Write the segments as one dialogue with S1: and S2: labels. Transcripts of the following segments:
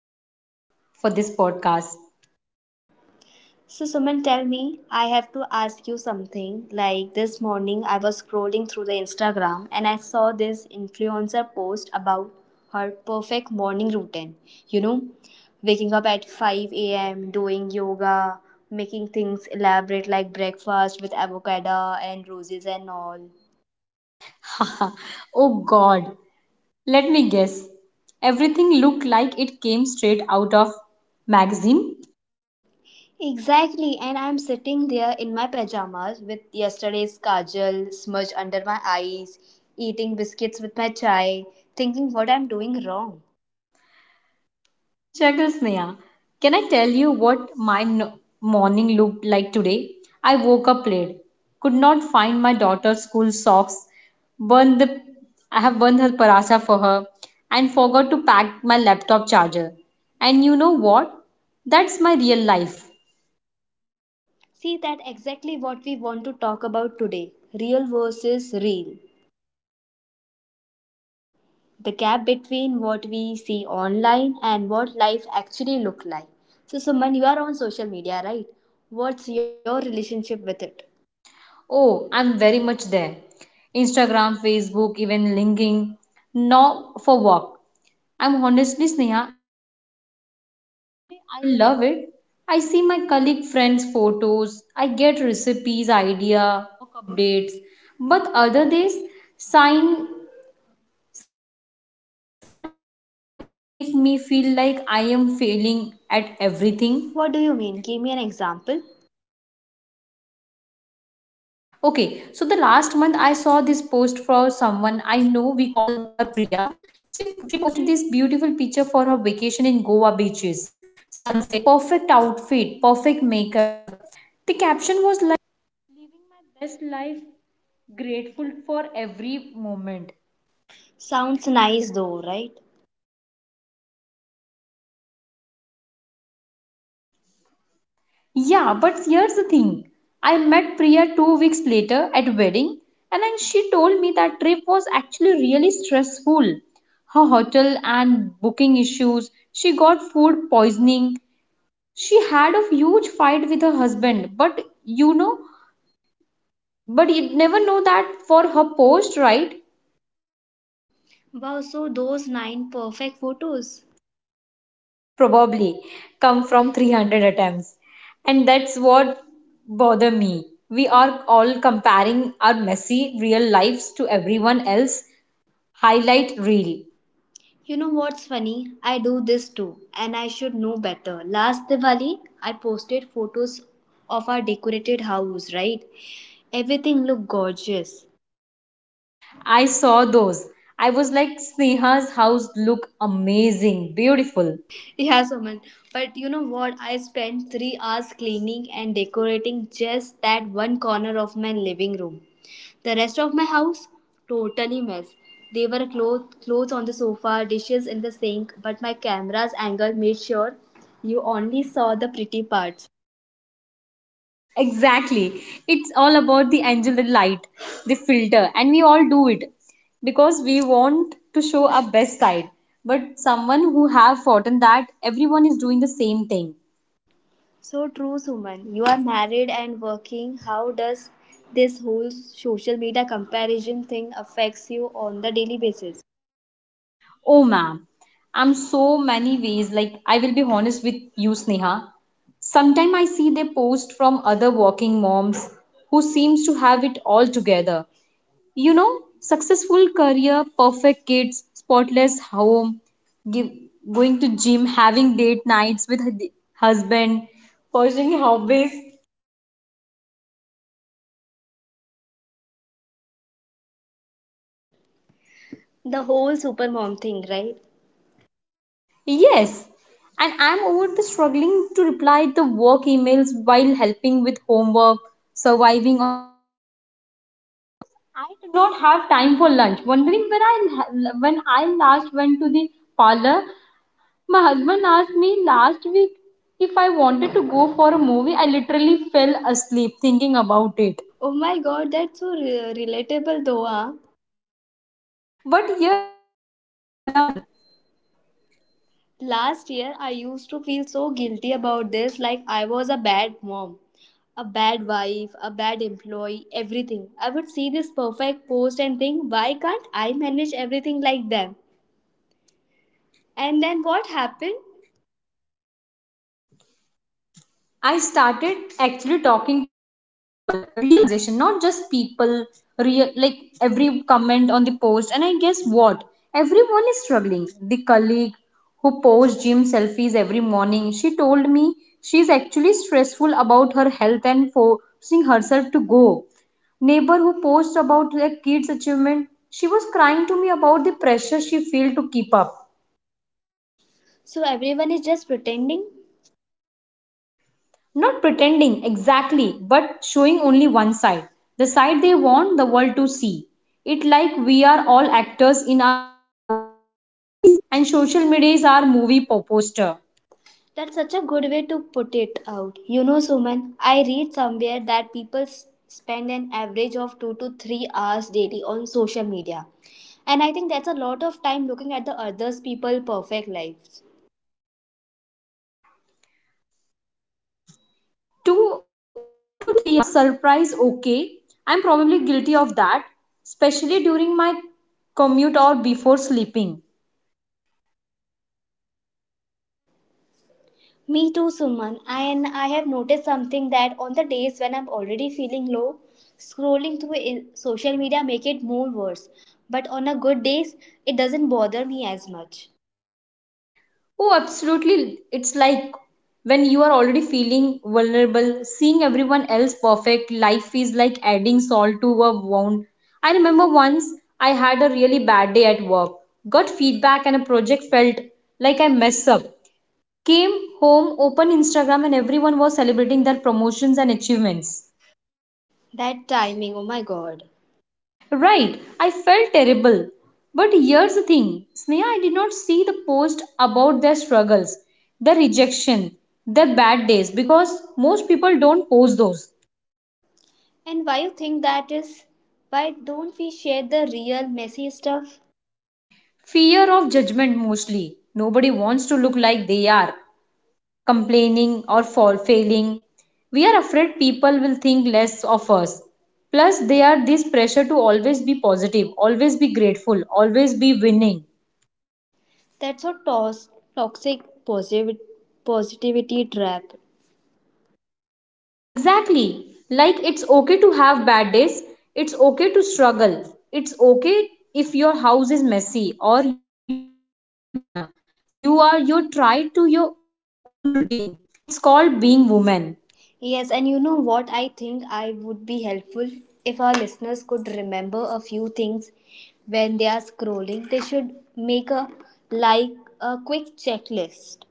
S1: Co host for this podcast.
S2: So, Suman, tell me, I have to ask you something. Like this morning, I was scrolling through the Instagram and I saw this influencer post about her perfect morning routine. You know, waking up at 5 a.m., doing yoga, making things elaborate like breakfast with avocado and roses and all.
S1: Oh god, let me guess. Everything looked like it came straight out of magazine.
S2: Exactly, and I'm sitting there in my pajamas with yesterday's kajal smudge under my eyes, eating biscuits with my chai, thinking what I'm doing wrong.
S1: Chuckles Neha. Can I tell you what my morning looked like today? I woke up late, could not find my daughter's school socks, burned the I have burned her parasa for her, and forgot to pack my laptop charger. And you know what? That's my real life.
S2: See, that exactly what we want to talk about today, real versus real. The gap between what we see online and what life actually look like. So, Suman, you are on social media, right? What's your relationship with it?
S1: Oh, I'm very much there. Instagram, Facebook, even linking. Now for work. I'm honestly Sneha, I love it. I see my colleague friends' photos, I get recipes.
S2: What do you mean? Give me an example. Sounds nice though, right?
S1: Yeah, but here's the thing. I met Priya 2 weeks later at wedding, and then she told me that trip was actually really stressful. Her hotel and booking issues, she got food poisoning. She had a huge fight with her husband, but but you'd never know that for her post, right?
S2: Wow, so those nine perfect photos.
S1: Probably come from 300 attempts. And that's what bother me. We are all comparing our messy real lives to everyone else highlight reel.
S2: You know what's funny? I do this too, and I should know better. Last Diwali, I posted photos of our decorated house, right? Everything looked gorgeous.
S1: I saw those. I was like, Sneha's house look amazing, beautiful.
S2: Yeah, Suman. But you know what? I spent 3 hours cleaning and decorating just that one corner of my living room. The rest of my house? Totally mess. There were clothes on the sofa, dishes in the sink, but my camera's angle made sure you only saw the pretty parts.
S1: Exactly. It's all about the angle, the light, the filter, we all do it because we want to show our best side. But someone who have forgotten that everyone is doing the same thing.
S2: So true, Suman. You are married and working. How does this whole social media comparison thing affects you on the daily basis?
S1: Oh ma'am, I'm so many ways. Like I will be honest with you, Sneha. Sometimes I see they post from other working moms who seems to have it all together. You know, successful career, perfect kids, spotless home, give, going to gym, having date nights with husband, pursuing hobbies.
S2: The whole supermom thing, right?
S1: Yes, and I'm over the struggling to reply the work emails while helping with homework, surviving I did not have time for lunch. Wondering when I last went to the parlor, my husband asked me last week if I wanted to go for a movie. I literally fell asleep thinking about it.
S2: Oh my god, that's so relatable though, huh?
S1: But here
S2: Last year, I used to feel so guilty about this, like I was a bad mom, a bad wife, a bad employee, everything. I would see this perfect post and think, why can't I manage everything like them? And then what happened?
S1: than forcing herself to go. Neighbor who posts about their kids' achievement, she was crying to me about the pressure she felt to keep up.
S2: So everyone is just pretending?
S1: Not pretending exactly, but showing only one side. The
S2: That's such a good way to put it out. You know, Suman, I read somewhere that people spend an average of 2 to 3 hours daily on social media. And I think that's a lot of time looking at the others people perfect lives. Me too, Suman. And I have noticed something that on the days when I'm already feeling low, scrolling through social media make it more worse. But on a good days, it doesn't bother me as much.
S1: Oh, absolutely. It's like when you are already feeling vulnerable, seeing everyone else perfect, life is like adding salt to a wound. I remember once I had a really bad day at work, got feedback, and a project felt like I messed up. Came home, opened Instagram, and everyone was celebrating their promotions and achievements.
S2: That timing, oh my god.
S1: Right, I felt terrible. But here's the thing Sneha, I did not see the post about their struggles, their rejection, their bad days because most people don't post those.
S2: And why you think that is? Why don't we share the real messy stuff?
S1: Fear of judgment mostly. Nobody wants to look like they are, complaining or fall, failing. We are afraid people will think less of us. Plus, they are this pressure to always be positive, always be grateful, always be winning.
S2: That's a toxic posit- positivity trap. Yes, and you know what? I think I would be helpful if our listeners could remember a few things when they are scrolling. They should make a like a quick checklist.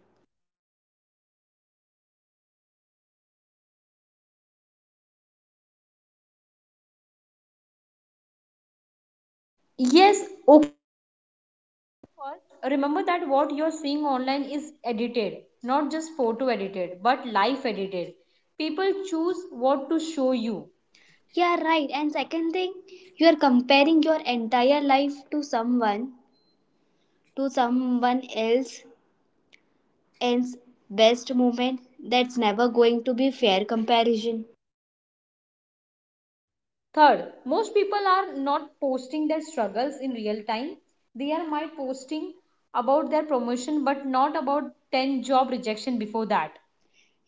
S2: Yeah, right. And second thing, you are comparing your entire life to someone else's best moment. That's never going to be fair comparison.
S1: Clear my posting about their promotion but not about 10 job rejection before that.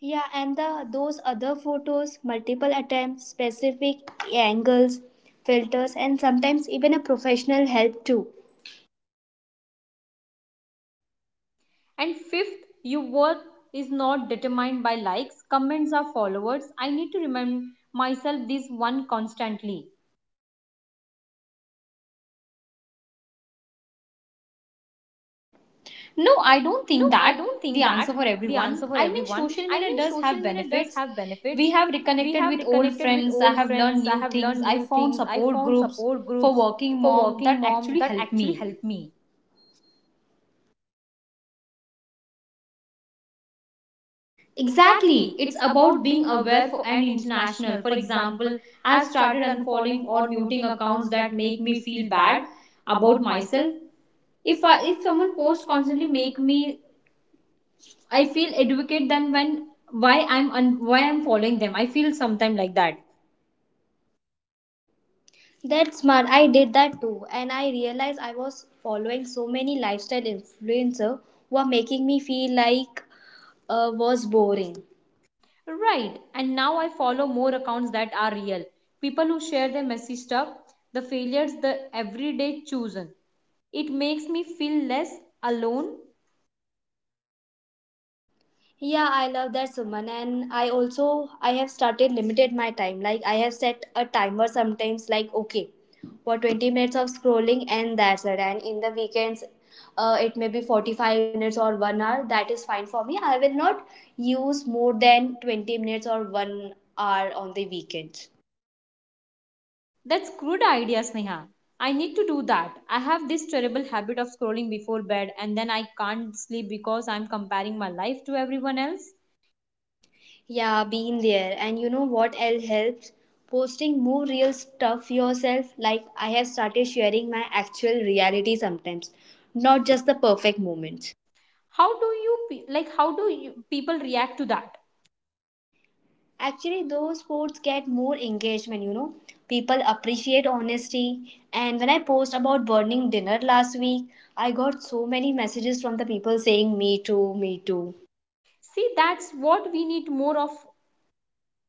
S2: Yeah, and the those other photos, multiple attempts, specific angles, filters, and sometimes even a professional help too.
S1: And fifth, your worth is not determined by likes, comments or followers. I need to remind myself this one constantly. No,
S2: No,
S1: I
S2: I don't
S1: don't think
S2: think
S1: that
S2: that the
S1: the
S2: answer
S1: answer
S2: for
S1: for everyone.
S2: everyone.
S1: I
S2: I mean,
S1: mean, social
S2: social
S1: media
S2: media
S1: does
S2: does
S1: have
S2: have
S1: benefits.
S2: benefits.
S1: We
S2: We have
S1: have
S2: reconnected
S1: reconnected
S2: with
S1: with
S2: old
S1: old friends,
S2: friends. I
S1: I
S2: have
S1: have learned
S2: learned new
S1: new things,
S2: things.
S1: I
S2: I found
S1: found
S2: support
S1: support groups
S2: groups for
S1: for working
S2: working
S1: mom
S2: mom that
S1: that
S2: actually
S1: actually
S2: helped
S1: helped me.
S2: me.
S1: Exactly.
S2: Exactly.
S1: It's
S2: It's about
S1: about
S2: being
S1: being
S2: aware
S1: aware
S2: for
S1: for, and
S2: and international.
S1: international.
S2: For
S1: For
S2: example,
S1: example, I've
S2: I've started
S1: started unfollowing
S2: unfollowing
S1: or
S2: or
S1: muting
S2: muting
S1: accounts
S2: accounts that
S1: that make
S2: make me
S1: me feel
S2: feel
S1: bad
S2: bad
S1: about
S2: about
S1: myself.
S2: myself.
S1: If
S2: If I
S1: I if
S2: if
S1: someone
S2: someone
S1: posts
S2: posts
S1: constantly
S2: constantly
S1: make
S2: make me
S1: me
S2: I
S1: I
S2: feel
S1: feel
S2: advocate
S1: advocate
S2: then
S1: then when
S2: when
S1: why why
S2: why I'm
S1: I'm following
S2: following
S1: them.
S2: them.
S1: I
S2: I feel
S1: feel sometime
S2: sometime
S1: like
S2: like
S1: that.
S2: that. That's smart. I did that too, and I realized I was following so many lifestyle influencer who are making me feel like was boring.
S1: Right. And now I follow more accounts that are real. People who share their messy.
S2: Yeah, I love that Suman and I also I have started limited my time. Like I have set a timer sometimes like okay for 20 minutes of scrolling and that's it. And in the weekends it may be 45 minutes or 1 hour that is fine for me. I will not use more than 20 minutes or 1 hour on the weekends.
S1: That's good idea, Sneha. I need to do that. I have this terrible habit of scrolling before bed and then I can't sleep because I'm comparing my life to everyone else.
S2: Yeah, been there. And you know what else helps? Posting more real stuff yourself. Like I have started sharing my actual reality sometimes, not just the perfect moments.
S1: How do you how do you, people react to that?
S2: Actually, those posts get more engagement, you know. People appreciate honesty. And when I post about burning dinner last week, I got so many messages from the people saying, Me too, me too.
S1: See, that's what we need more of,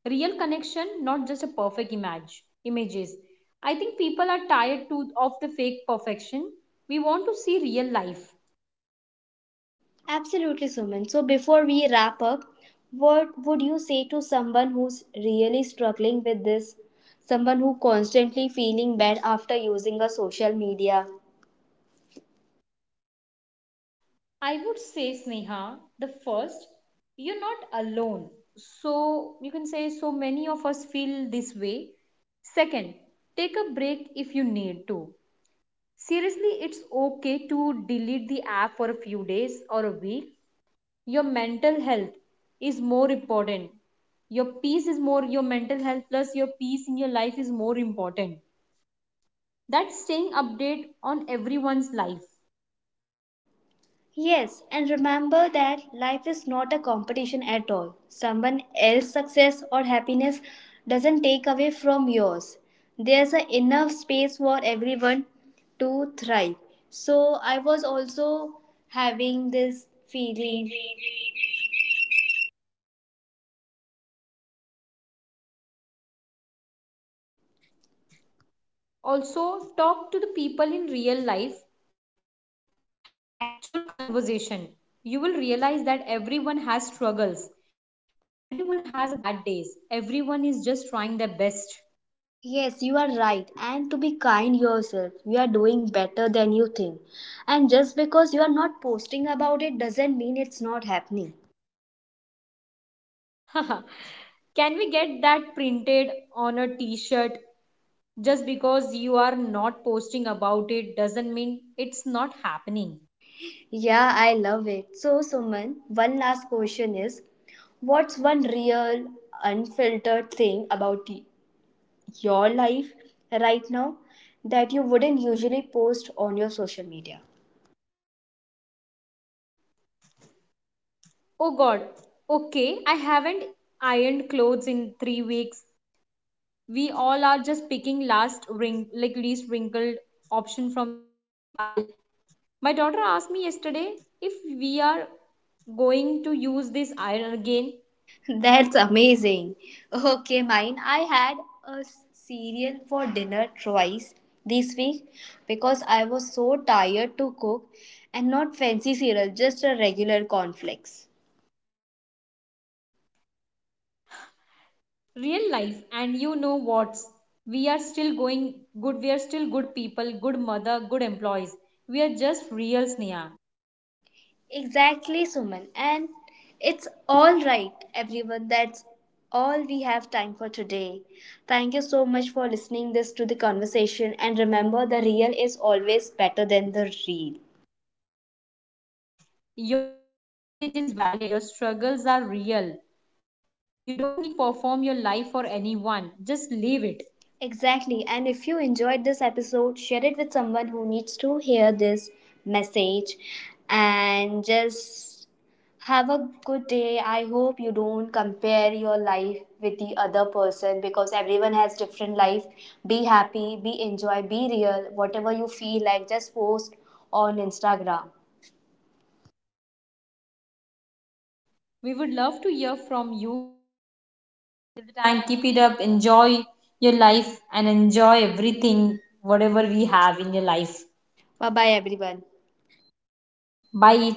S1: real connection, not just a perfect image. Images. I think people are tired too of the fake perfection. We want to see real life.
S2: Absolutely, Suman. So before we wrap up, what would you say to someone who's really struggling with this? Someone who constantly feeling bad after using a social media?
S1: I would say, Sneha, the first, you're not alone. So you can say, so many of us feel this way. Second, take a break if you need to. Seriously, it's okay to delete the app for a few days or a week. Your mental health is more important. Your peace is more, your mental health plus your peace in your life is more important. That's staying update on everyone's life.
S2: Yes, and remember that life is not a competition at all. Someone else's success or happiness doesn't take away from yours. There's a enough space for everyone to thrive. So I was also having this feeling. Yes, you are right. And to be kind yourself, you are doing better than you think. And just because you are not posting about it doesn't mean it's not happening.
S1: Just because you are not posting about it doesn't mean it's not happening.
S2: Yeah, I love it. So, Suman, one last question is, what's one real, unfiltered thing about your life right now that you wouldn't usually post on your social media? That's amazing. Okay, mine. I had a cereal for dinner twice this week because I was so tired to cook, and not fancy cereal, just a regular cornflakes.
S1: Real life, and you know what's, we are still going good, we are still good people, good mother, good employees. We are just real, Sneha.
S2: Exactly, Suman. And it's all right, everyone. That's all we have time for today. Thank you so much for listening this to the conversation and remember the real is always better than the real. Exactly. And if you enjoyed this episode, share it with someone who needs to hear this message and just have a good day. I hope you don't compare your life with the other person because everyone has different life. Be happy, be enjoy, be real. Whatever you feel like just post on Instagram.
S1: We would love to hear from you. Till the time, keep it up, enjoy your life, and enjoy everything, whatever we have in your life.
S2: Bye bye everyone.
S1: Bye.